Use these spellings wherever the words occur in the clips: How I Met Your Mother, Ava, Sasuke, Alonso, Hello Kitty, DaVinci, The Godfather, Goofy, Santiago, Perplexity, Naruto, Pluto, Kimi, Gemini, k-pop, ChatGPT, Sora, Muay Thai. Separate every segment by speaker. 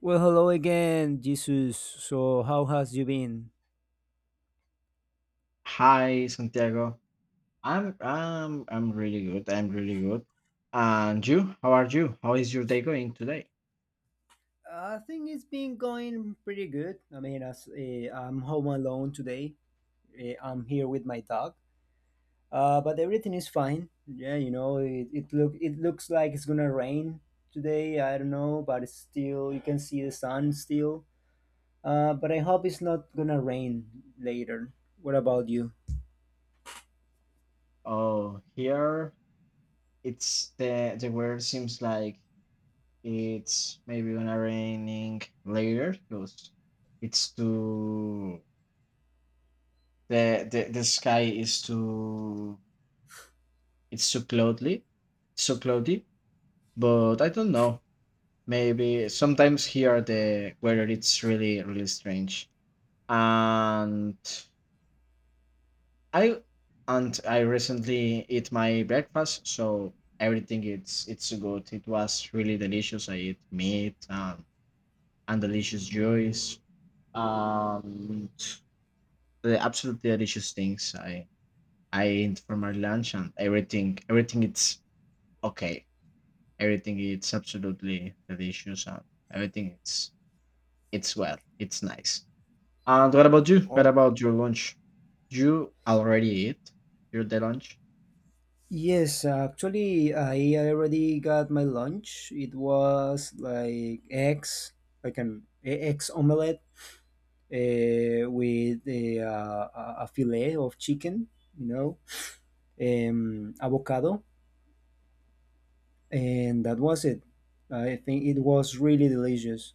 Speaker 1: Well, hello again, Jesus. So, how has you been?
Speaker 2: Hi, Santiago. I'm really good. I'm really good. And you? How are you? How is your day going today?
Speaker 1: I think it's been going pretty good. I mean, as I'm home alone today. I'm here with my dog. But everything is fine. Yeah, it look it looks like it's gonna rain today. I don't know, but it's still you can see the sun still. But I hope it's not gonna rain later. What about you?
Speaker 2: Oh, here it's the weather seems like it's maybe gonna raining later because it's too. The sky is too it's too cloudy, so cloudy. But I don't know. Maybe sometimes here the weather it's really strange and I and I recently ate my breakfast, so everything it's good. It was really delicious. I ate meat and delicious juice. Um, the absolutely delicious things I ate for my lunch and everything. Everything it's okay. Everything it's absolutely delicious and everything it's well. It's nice. And what about you? What about your lunch? You already ate your the lunch?
Speaker 1: Yes, actually, I already got my lunch. It was like eggs, like an eggs omelette with a fillet of chicken, you know, avocado, and that was it. I think it was really delicious.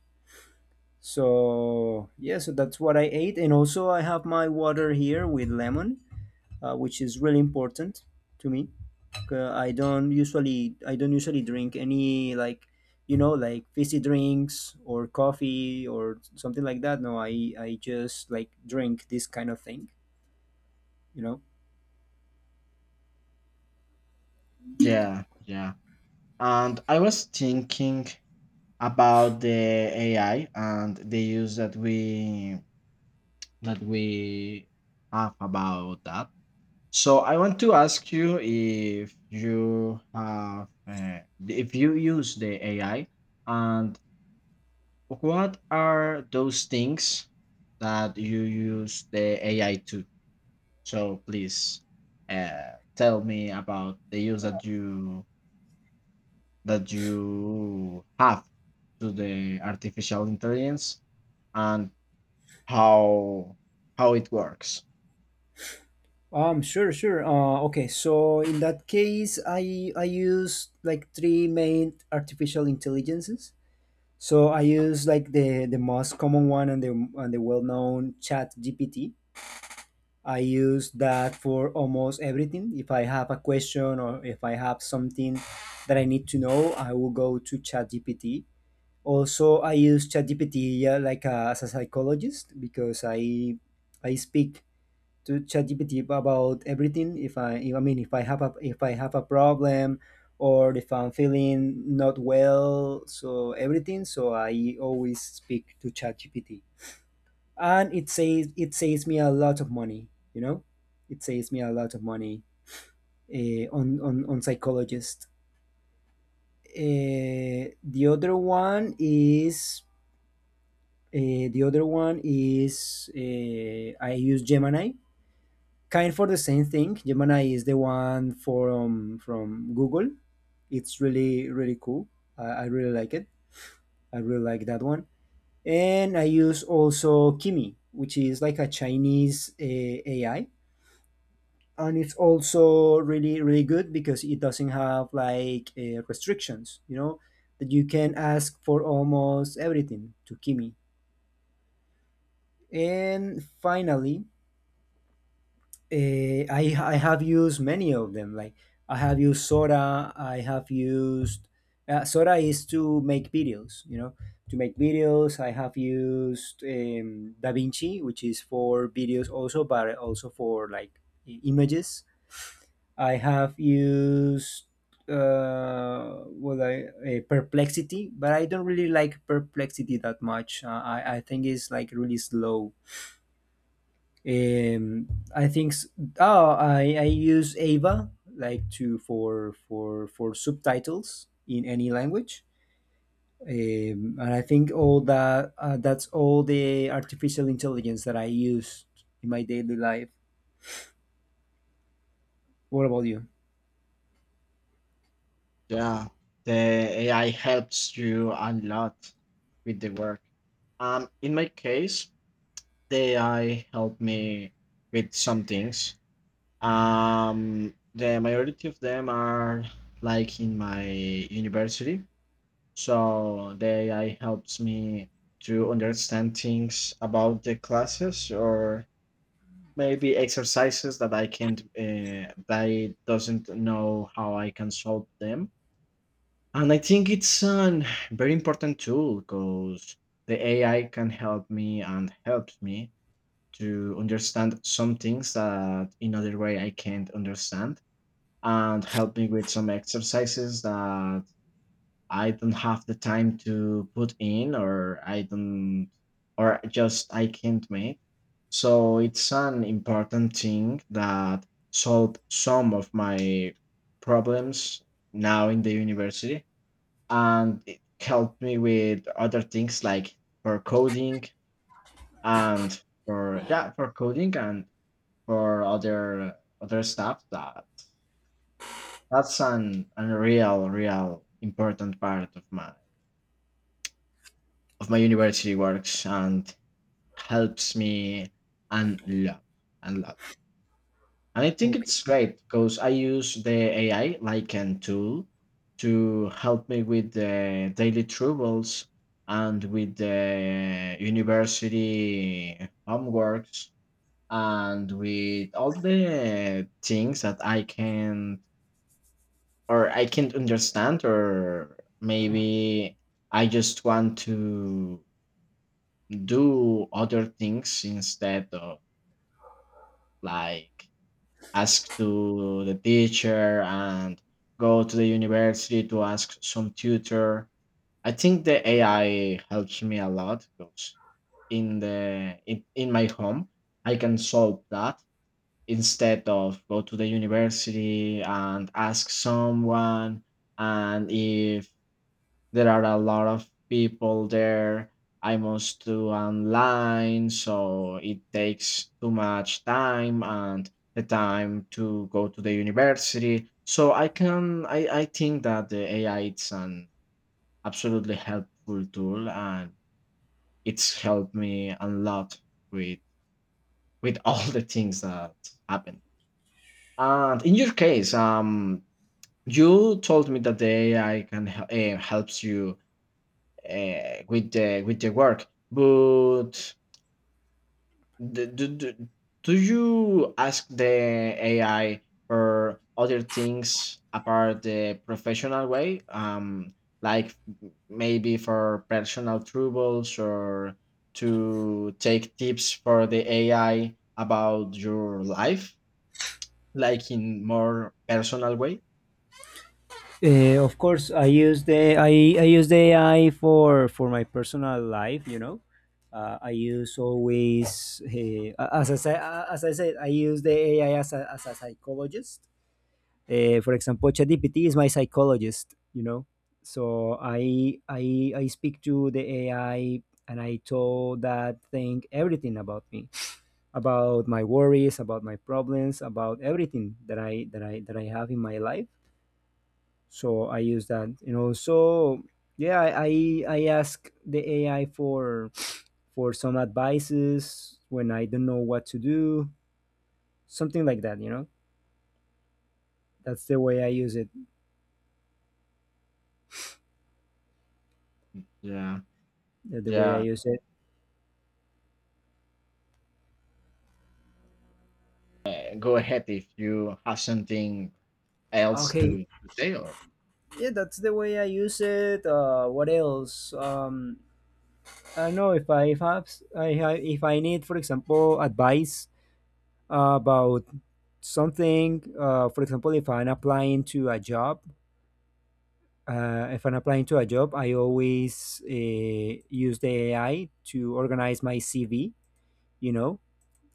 Speaker 1: So, yeah, so that's what I ate. And also, I have my water here with lemon, which is really important to me. I don't usually drink any like, you know, like fizzy drinks or coffee or something like that. No, I just like drink this kind of thing, you know.
Speaker 2: Yeah, yeah. And I was thinking about the AI and the use that we have about that. So I want to ask you if you have if you use the AI and what are those things that you use the AI to? So please tell me about the use that you have to the artificial intelligence and how how it works.
Speaker 1: Sure. Sure. Okay. So in that case, I use like three main artificial intelligences. So I use like the most common one and the well known Chat GPT. I use that for almost everything. If I have a question or if I have something that I need to know, I will go to ChatGPT. Also, I use ChatGPT like as a psychologist, because I speak to ChatGPT about everything. If, I mean, if I have a problem or if I'm feeling not well, so everything. So I always speak to ChatGPT, and it saves me a lot of money, you know, it saves me a lot of money on psychologist. uh, the other one is uh, the other one is, I use Gemini, kind for the same thing. Gemini is the one from Google. It's really really cool. I really like it. I really like that one. And I use also Kimi, which is like a Chinese AI, and it's also really really good, because it doesn't have like restrictions, you know, that you can ask for almost everything to Kimi. And finally, uh, I have used many of them. Like I have used Sora. I have used Sora is to make videos, you know, to make videos. I have used Davinci, which is for videos also, but also for like images. I have used what I a Perplexity, but I don't really like Perplexity that much. I think it's like really slow. Um, I think s- oh I use Ava like to for subtitles in any language. And I think all that that's all the artificial intelligence that I use in my daily life. What about you?
Speaker 2: Yeah, the AI helps you a lot with the work. In my case, the AI helped me with some things. The majority of them are like in my university, so the AI helps me to understand things about the classes or maybe exercises that I can't, that I doesn't know how I can solve them. And I think it's a very important tool because the AI can help me and helps me to understand some things that in other way I can't understand and help me with some exercises that I don't have the time to put in or I don't or just I can't make. So it's an important thing that solved some of my problems now in the university and it helped me with other things like for coding and for yeah for coding and for other other stuff that that's an, a real important part of my university works and helps me a lot and lot and I think
Speaker 1: Okay.
Speaker 2: it's great because I use the ai like an tool to help me with the daily troubles and with the university homeworks and with all the things that I can or I can't understand or maybe I just want to do other things instead of like ask to the teacher and go to the university to ask some tutor I think the ai helps me a lot because in the in my home I can solve that instead of go to the university and ask someone and if there are a lot of people there. I must do online, so it takes too much time and the time to go to the university. So I can I think that the AI it's an absolutely helpful tool and it's helped me a lot with with all the things that happen. And in your case, you told me that the AI can hel- helps you with the work. But do, do, do, do you ask the AI for other things apart the professional way? Like maybe for personal troubles or to take tips for the AI about your life, like in more personal way.
Speaker 1: Of course, I use the I use the AI for my personal life, you know. I use always, as I said, I use the AI as a psychologist. For example, ChatGPT is my psychologist, you know. So I speak to the AI, and I told that thing everything about me, about my worries, about my problems, about everything that I that I that I have in my life. So I use that, you know. So yeah, I ask the AI for some advices when I don't know what to do, something like that, you know. That's the way I use it.
Speaker 2: Yeah,
Speaker 1: uh, the way i
Speaker 2: yeah.
Speaker 1: use it
Speaker 2: Go ahead if you have something else
Speaker 1: okay,
Speaker 2: to say or
Speaker 1: yeah, that's the way I use it. Uh, what else? Um, I don't know. If I need, for example, advice about something. For example, if I'm applying to a job, if I'm applying to a job, I always use the AI to organize my CV, you know,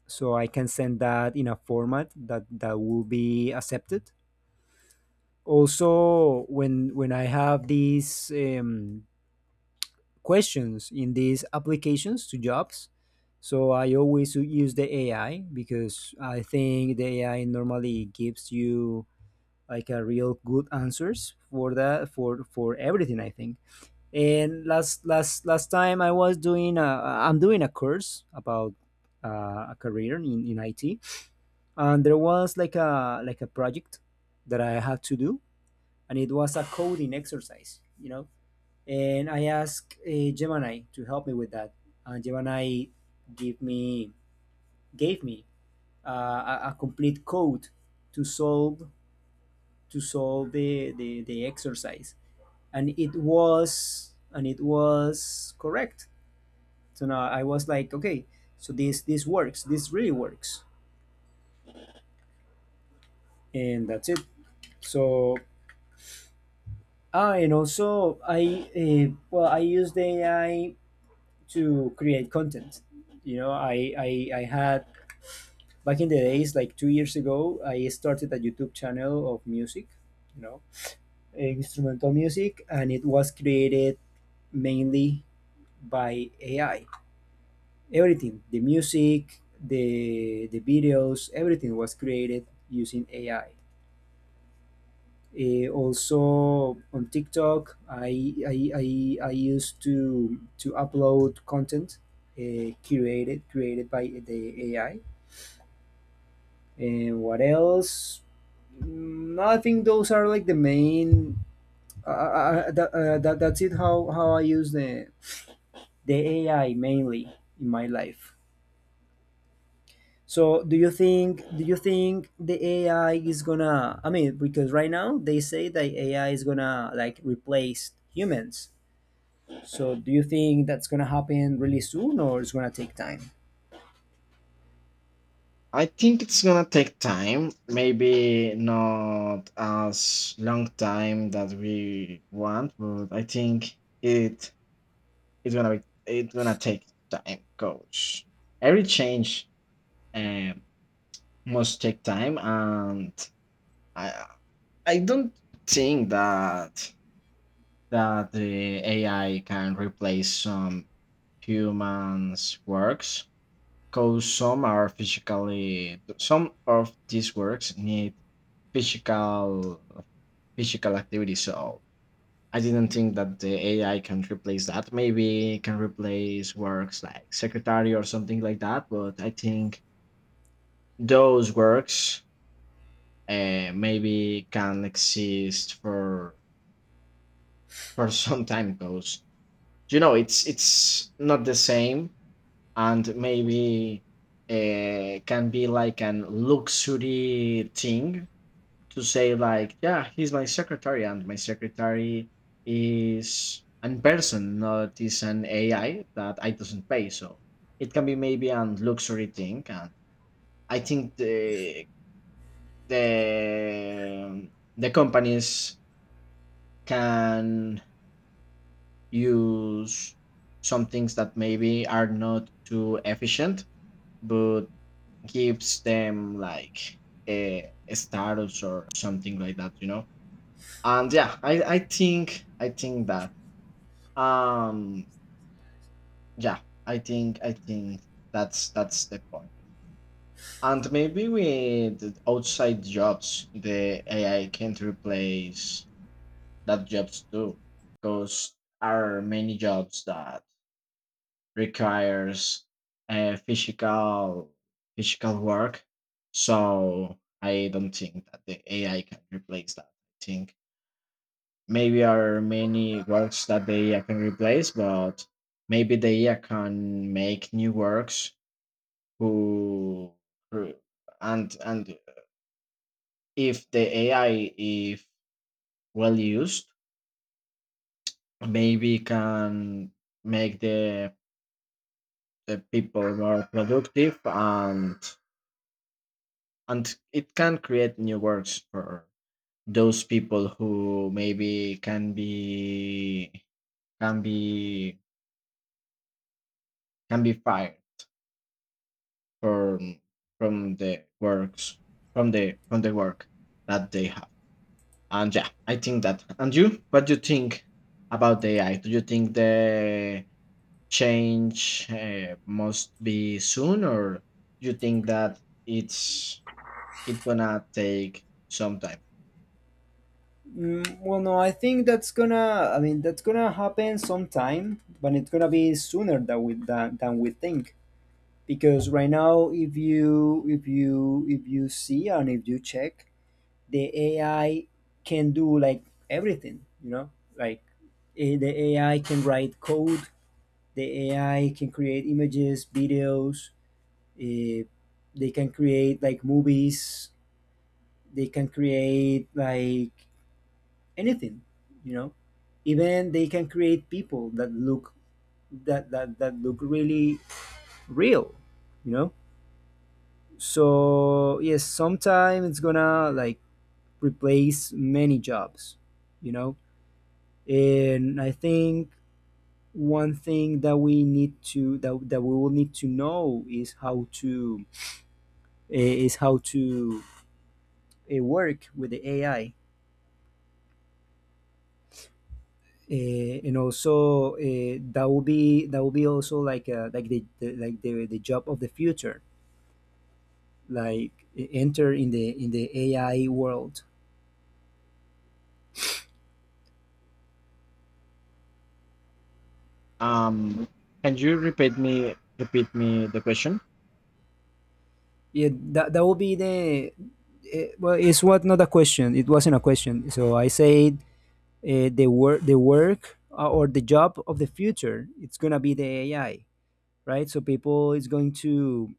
Speaker 1: so I can send that in a format that will be accepted. Also, when I have these questions in these applications to jobs, so I always use the AI, because I think the AI normally gives you like a real good answers for that, for everything, I think. And last time I was doing a, I'm doing a course about a career in it, and there was like a, like a project that I had to do, and it was a coding exercise, you know. And I asked Gemini to help me with that, and Gemini give me gave me uh, a complete code to solve, the exercise, and it was correct. So now I was like, okay, so this works, this really works, and that's it. So ah, and also I used AI to create content, you know. I had, back in the days, like 2 years ago, I started a YouTube channel of music, you know, eh, instrumental music, and it was created mainly by AI. Everything: the music, the videos, everything was created using AI. Also on TikTok, I used to upload content curated created by the AI. And what else? Mm, I think those are like the main. That's it. How I use the AI mainly in my life. So do you think the AI is gonna? I mean, because right now they say that AI is gonna like replace humans. So, do you think that's gonna happen really soon, or it's gonna take time?
Speaker 2: I think it's gonna take time, maybe not as long time that we want, but I think it it's gonna be it's gonna take time because every change um, must take time, and I I don't think that the AI can replace some humans' works because some are physically some of these works need physical physical activity so I didn't think that the ai can replace that maybe it can replace works like secretary or something like that but I think those works maybe can exist for some time because you know it's not the same and maybe can be like an luxury thing to say like yeah he's my secretary and my secretary is an person not is an ai that I doesn't pay so it can be maybe an luxury thing and I think the the companies can use some things that maybe are not too efficient but gives them like a status or something like that, you know. And yeah, I think that um yeah, I think that's the point. And maybe with outside jobs, the AI can't replace that jobs too, because are many jobs that requires physical physical work. So I don't think that the AI can replace that. I think maybe there are many works that the AI can replace, but maybe the AI can make new works who who- and if the AI if well used, maybe can make the people more productive and it can create new works for those people who maybe can be can be can be fired from from the works from the work that they have and yeah I think that and you what do you think about the ai do you think the change must be soon or do you think that it's it's gonna take some time
Speaker 1: Mm, well, no, I think that's gonna, I mean, that's gonna happen sometime, but it's gonna be sooner than we think. Because right now, if you if you see and if you check, the AI can do like everything, you know. Like, eh, the AI can write code. The AI can create images, videos. Uh, they can create like movies. They can create like anything, you know. Even they can create people that look that look really real, you know. So yes, sometime it's gonna like replace many jobs, you know. And I think one thing that we need that we will need to know is how to, eh, is how to work with the AI. And also that will be, also like the job of the future, like enter in the AI world.
Speaker 2: Um, can you repeat me the question?
Speaker 1: Yeah, that, that will be the well, it's what, not a question, it wasn't a question. So I said, the work, or the job of the future, it's gonna be the AI, right? So people is going to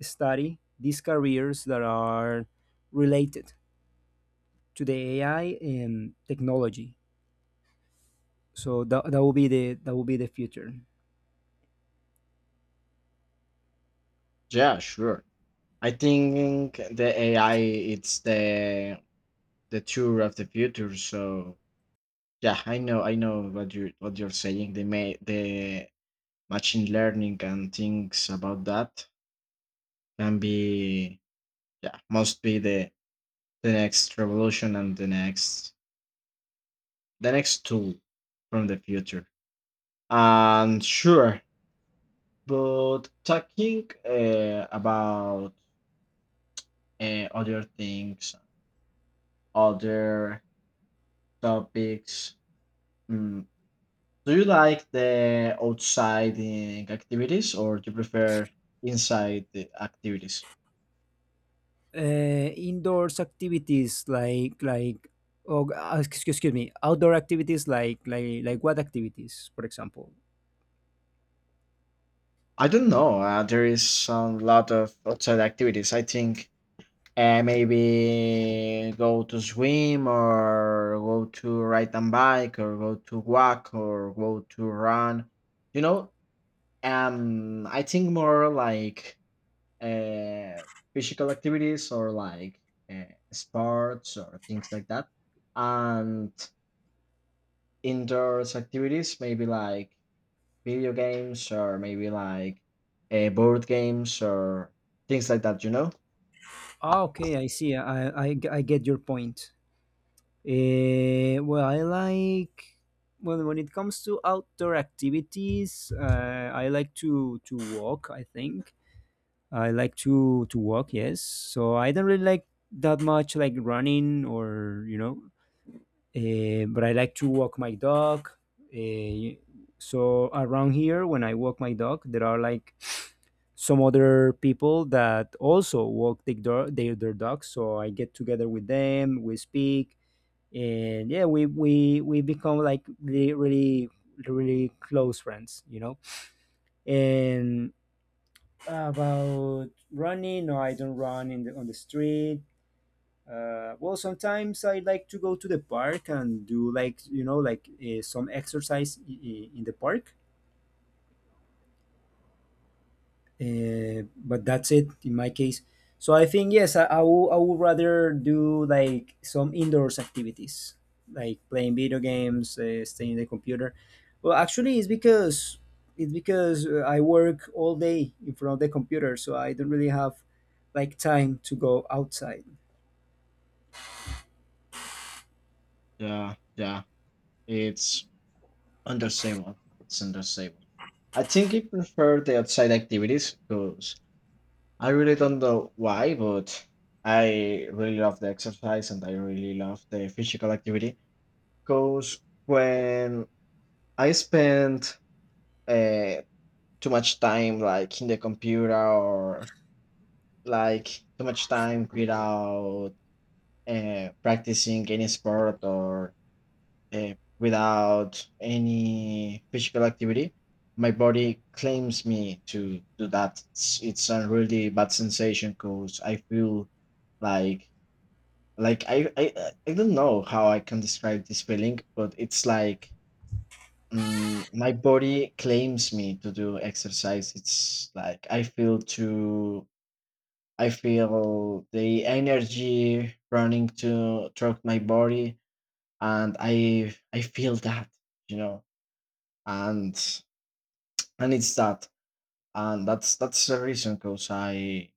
Speaker 1: study these careers that are related to the AI and technology. So that, that will be the, that will be the future.
Speaker 2: Yeah, sure. I think the AI it's the tour of the future. So yeah, I know what you what you're saying. The may the machine learning and things about that can be yeah must be the next revolution and the next tool from the future. And sure, but talking about and other things, other topics. Mm. Do you like the outsiding activities or do you prefer inside the activities?
Speaker 1: Indoors activities like, oh, excuse me, outdoor activities, like what activities, for example?
Speaker 2: I don't know. There is a lot of outside activities. I think maybe go to swim or go to ride a bike or go to walk or go to run. You know, I think more like uh, physical activities or like uh, sports or things like that. And indoors activities, maybe like video games or maybe like board games or things like that, you know?
Speaker 1: Ah, okay, I see. I get your point. Well, I like, when it comes to outdoor activities, I like to walk. I think I like to walk. Yes, so I don't really like that much like running or, you know. But I like to walk my dog. Uh, so around here, when I walk my dog, there are like some other people that also walk their dogs. So I get together with them, we speak, and yeah, we become like really really close friends, you know. And about running, no, I don't run in the, on the street. Well, sometimes I like to go to the park and do like, you know, like some exercise in the park. But that's it in my case. So I think yes, I would, I would rather do like some indoors activities, like playing video games, staying in the computer. Well, actually, it's because I work all day in front of the computer, so I don't really have like time to go outside.
Speaker 2: Yeah, yeah. It's understandable. It's understandable. I think I prefer the outside activities because I really don't know why, but I really love the exercise and I really love the physical activity because when I spend uh, too much time like in the computer or like too much time without practicing any sport or without any physical activity, my body claims me to do that. It's a really bad sensation because I feel like like I don't know how I can describe this feeling, but it's like my body claims me to do exercise. It's like I feel too. I feel the energy running to throughout my body, and I feel that you know, and and it's that, and that's the reason because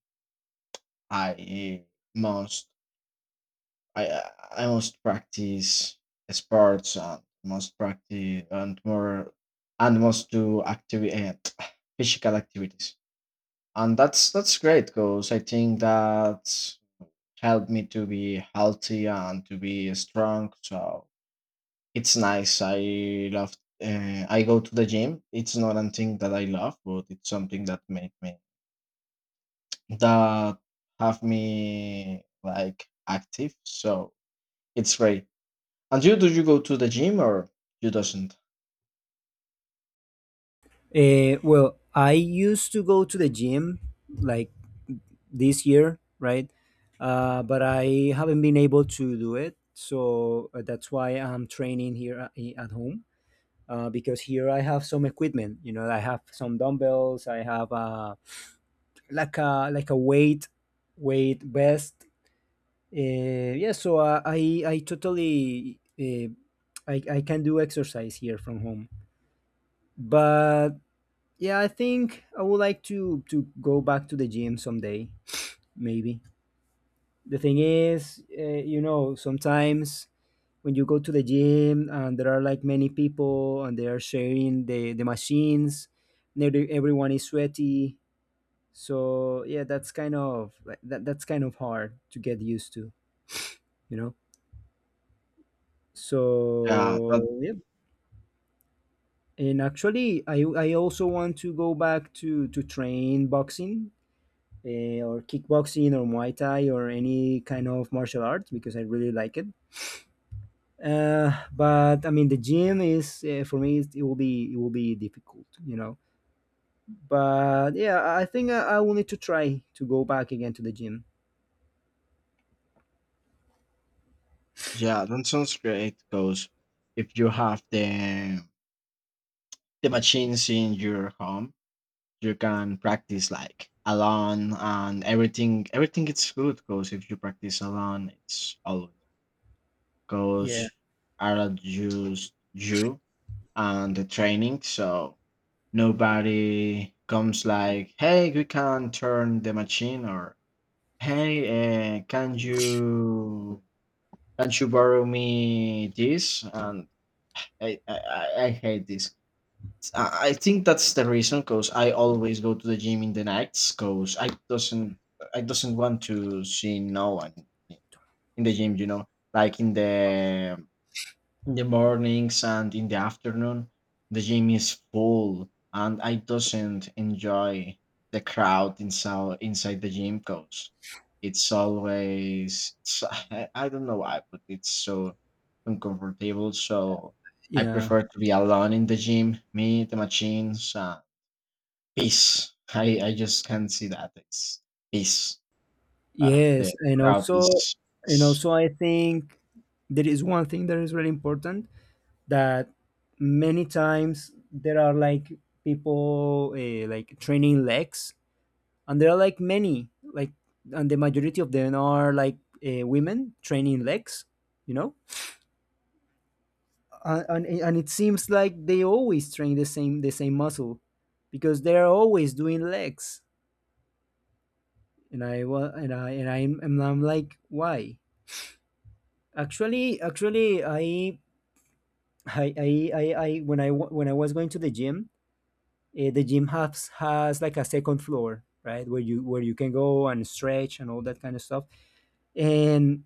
Speaker 2: I must I must practice sports and must practice and more and must do activity physical activities. And that's great because I think that helped me to be healthy and to be strong. So it's nice. I love. I go to the gym. It's not a thing that I love, but it's something that make me that have me like active. So it's great. And you, do you go to the gym or you doesn't?
Speaker 1: Well, I used to go to the gym like this year, right? But I haven't been able to do it. So that's why I'm training here at at home, because here I have some equipment. You know, I have some dumbbells. I have like a, like a weight, weight vest. Yeah, so I totally I can do exercise here from home. But yeah, I think I would like to go back to the gym someday, maybe. The thing is, you know, sometimes when you go to the gym and there are like many people and they are sharing the machines, and everyone is sweaty. So yeah, that's kind of like that's kind of hard to get used to, you know.
Speaker 2: Yeah, that
Speaker 1: So yeah, and actually, I also want to go back to train boxing or kickboxing or Muay Thai or any kind of martial arts because I really like it. But I mean, the gym is for me it will be difficult, you know. But yeah, I think I will need to try to go back again to the gym.
Speaker 2: yeah, that sounds great. Because if you have the machines in your home you can practice like alone and everything everything is good because if you practice alone it's always
Speaker 1: Yeah,
Speaker 2: goes are just you and the training so nobody comes like hey we can turn the machine or hey uh, can you can you borrow me this and I hate this I think that's the reason because I always go to the gym in the nights because I doesn't want to see no one in the gym, you know, like in the mornings and in the afternoon, the gym is full and I doesn't enjoy the crowd inside inside the gym because it's always it's, I don't know why, but it's so uncomfortable. So I
Speaker 1: yeah,
Speaker 2: prefer to be alone in the gym, me, the machines, peace. I just can't see that. It's peace. The
Speaker 1: yes,
Speaker 2: crowd is
Speaker 1: and also I think there is one thing that is really important that many times there are like people like training legs and there are like many and the majority of them are like women training legs, you know, and it seems like they always train the same muscle because they're always doing legs. And I wa- and I and I'm like why. Actually actually I When I was going to the gym, the gym has like a second floor, right, where you can go and stretch and all that kind of stuff. And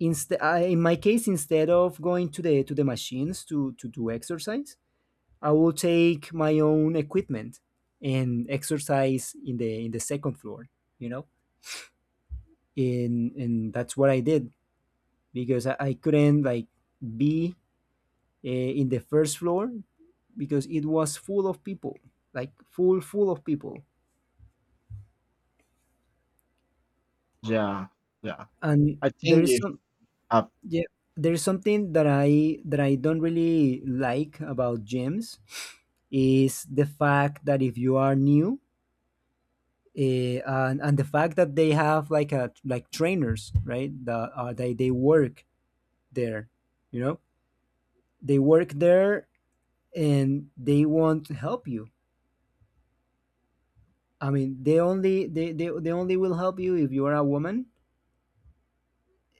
Speaker 1: instead, in my case, instead of going to the machines to do exercise, I will take my own equipment and exercise in the second floor, you know. And that's what I did because I couldn't like be in the first floor because it was full of people, like full of people.
Speaker 2: yeah yeah.
Speaker 1: And
Speaker 2: I
Speaker 1: there
Speaker 2: think
Speaker 1: is
Speaker 2: if
Speaker 1: some,
Speaker 2: up
Speaker 1: yeah, there's something that I don't really like about gyms is the fact that if you are new, and the fact that they have like a trainers, right, that they work there, you know, they work there, and they won't help you. I mean, they only they only will help you if you are a woman,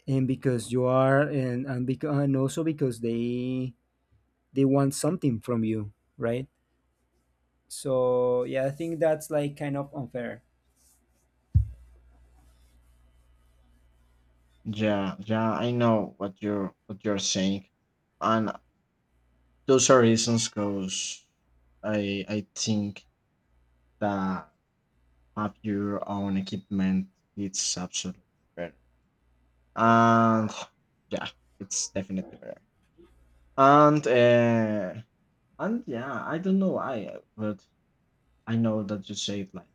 Speaker 1: and because you are and also because they want something from you, right. So yeah, I think that's like kind of unfair.
Speaker 2: yeah yeah I know what you're saying, and those are reasons because I think that have your own equipment. It's absolutely better, and yeah, it's definitely better. And uh, and yeah, I don't know why, but I know that you say it like.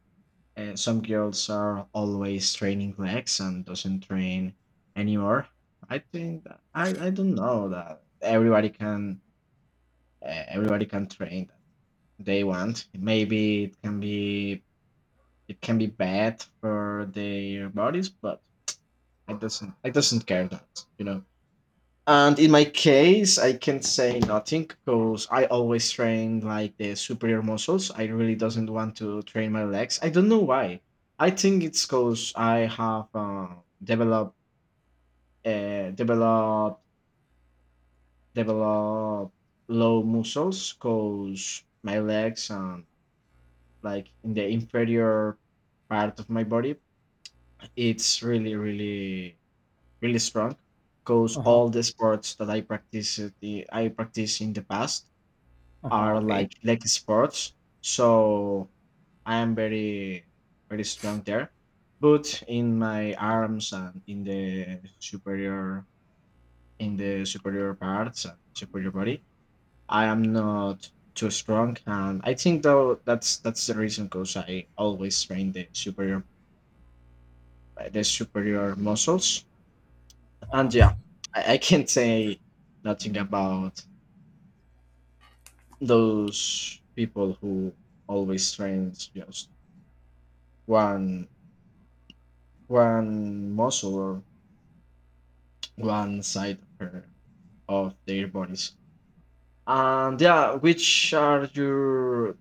Speaker 2: And some girls are always training legs and doesn't train anymore. I think that, I don't know that everybody can train that they want. Maybe it can be bad for their bodies, but I doesn't care that you know. And in my case, I can say nothing because I always train like the superior muscles. I really doesn't want to train my legs. I don't know why. I think it's because I have developed uh, developed developed low muscles because my legs and like in the inferior part of my body, it's really really strong. Because
Speaker 1: Uh-huh.
Speaker 2: all the sports that I practiced in the past
Speaker 1: Uh-huh,
Speaker 2: are
Speaker 1: okay.
Speaker 2: like leg sports. So I am very strong there. But in my arms and in the superior parts and superior body, I am not too strong. And I think though that's the reason because I always train the superior muscles. And yeah, I can't say nothing about those people who always trains just one one muscle or one side of her of their bodies. And yeah, which are your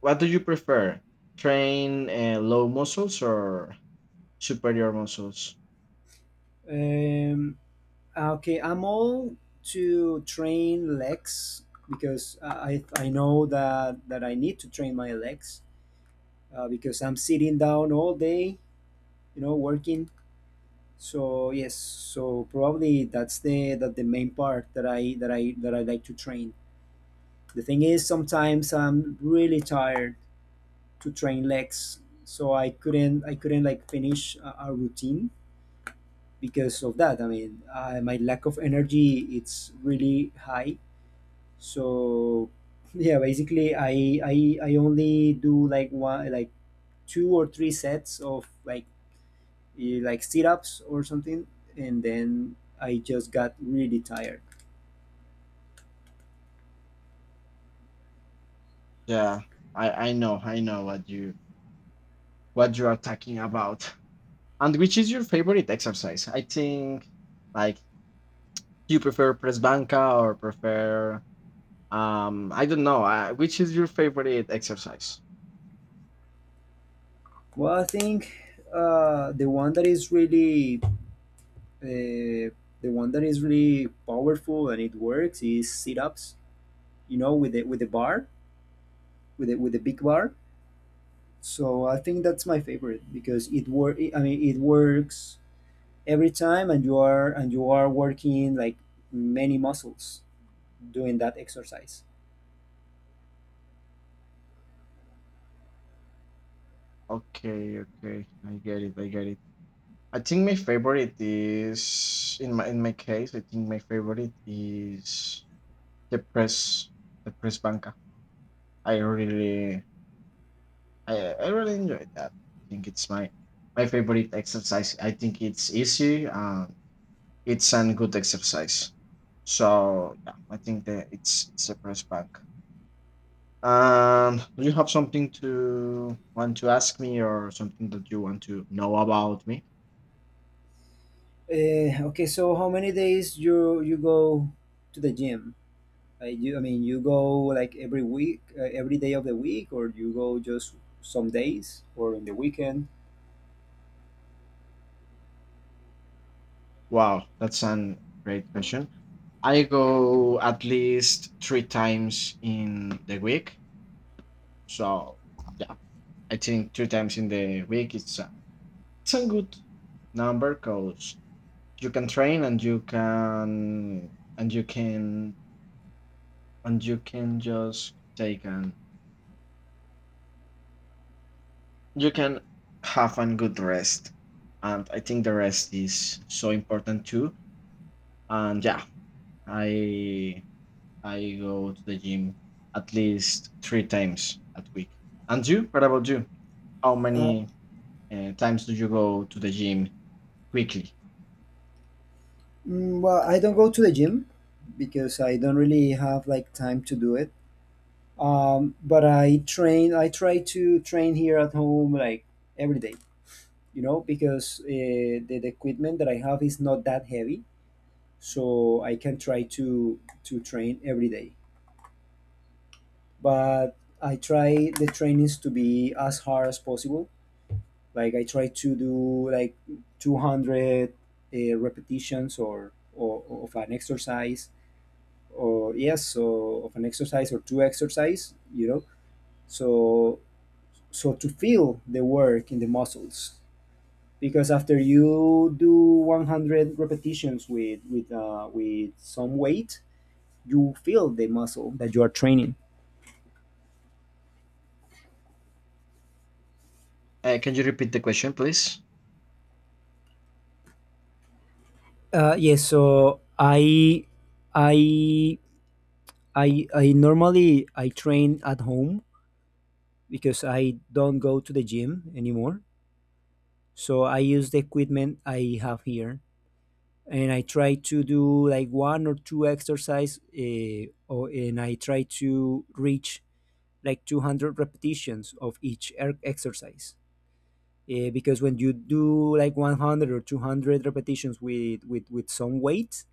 Speaker 2: what do you prefer? Train low muscles or superior muscles?
Speaker 1: um Okay, I'm all to train legs because I know that I need to train my legs because I'm sitting down all day, you know, working. So yes, so probably that's the that the main part that I that I that I like to train. The thing is, sometimes I'm really tired to train legs, so I couldn't like finish a routine because of that. I mean, my lack of energy it's really high. So yeah, basically I only do like one like two or three sets of like like sit ups or something, and then I just got really tired.
Speaker 2: Yeah, I know what you are talking about. And which is your favorite exercise? I think like you prefer press banca or prefer I don't know. Which is your favorite exercise?
Speaker 1: Well, I think uh, the one that is really uh, the one that is really powerful and it works is sit ups. You know, with the bar, with the big bar. So I think that's my favorite because it work. I mean, it works every time and you are working like many muscles doing that exercise.
Speaker 2: Okay, okay, I get it. I get it. I think my favorite is in my case. I think my favorite is the press the press banca. I really I really enjoy that. I think it's my my favorite exercise. I think it's easy and it's a good exercise. So yeah, I think that it's a press bank. Do you have something to want to ask me or something that you want to know about me?
Speaker 1: Okay, so how many days you go to the gym? I mean, you go like every week, every day of the week, or you go just some days or in the weekend?
Speaker 2: Wow, that's an great question. I go at least three times in the week. So yeah, I think three times in the week it's a good number because you can train and and you can you can just take an you can have a good rest. And I think the rest is so important too. And yeah, I I go to the gym at least three times at week. And you? What about you? How
Speaker 1: uh,
Speaker 2: many times do you go to the gym weekly?
Speaker 1: well, I don't go to the gym because I don't really have like time to do it. But I try to train here at home like every day, you know, because the equipment that I have is not that heavy, so I can try to train every day. But I try the trainings to be as hard as possible. Like I try to do like 200 repetitions or of an exercise, or yes, so of an exercise or two exercise, you know. So so to feel the work in the muscles because after you do 100 repetitions with with some weight you feel the muscle that you are training.
Speaker 2: Can you repeat the question, please?
Speaker 1: Yes. So I, I, I normally I train at home because I don't go to the gym anymore. So I use the equipment I have here, and I try to do like one or two exercise, and I try to reach like 200 repetitions of each exercise. Because when you do like 100 or 200 repetitions with with some weight,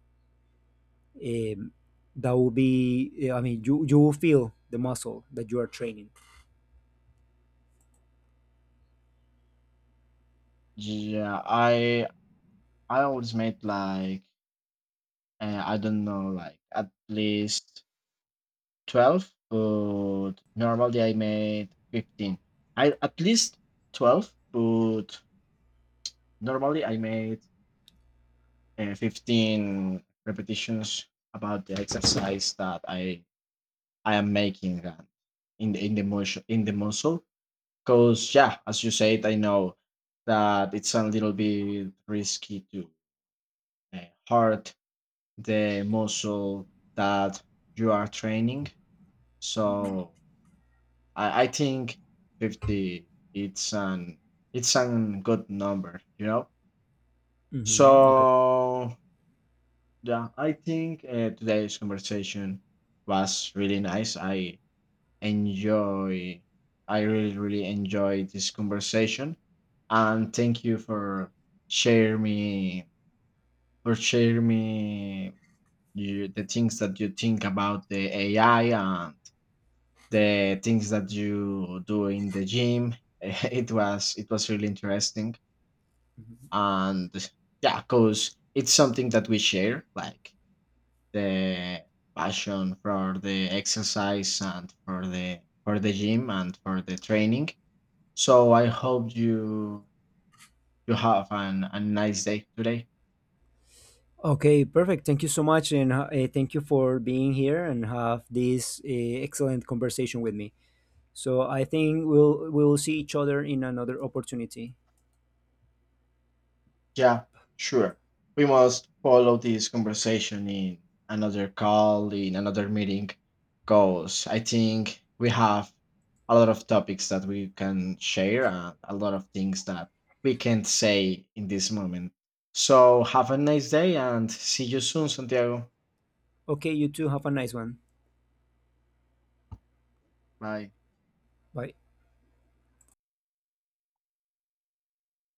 Speaker 1: um, that will be. Eh, I mean, you will feel the muscle that you are training.
Speaker 2: Yeah, I always made like I don't know like at least 12, but normally I made 15. I at least 12, but normally I made 15 repetitions about the exercise that I am making in the motion in the muscle. Because yeah, as you said, I know that it's a little bit risky to uh, hurt the muscle that you are training. So I think 50 it's an good number, you know.
Speaker 1: Hmm. Okay.
Speaker 2: So yeah, I think today's conversation was really nice. I enjoy I really really enjoy this conversation and thank you share me for share me you, the things that you think about the AI and the things that you do in the gym it was really interesting and yeah because it's something that we share like the passion for the exercise and for the gym and for the training. So I hope you have an, a nice day today.
Speaker 1: Okay, perfect. Thank you so much, and thank you for being here and have this excellent conversation with me. So I think we'll see each other in another opportunity.
Speaker 2: Yeah, sure. We must follow this conversation in another call, in another meeting, because I think we have a lot of topics that we can share and a lot of things that we can't say in this moment. So have a nice day and see you soon, Santiago.
Speaker 1: Okay. You too. Have a nice one.
Speaker 2: Bye.
Speaker 1: Bye.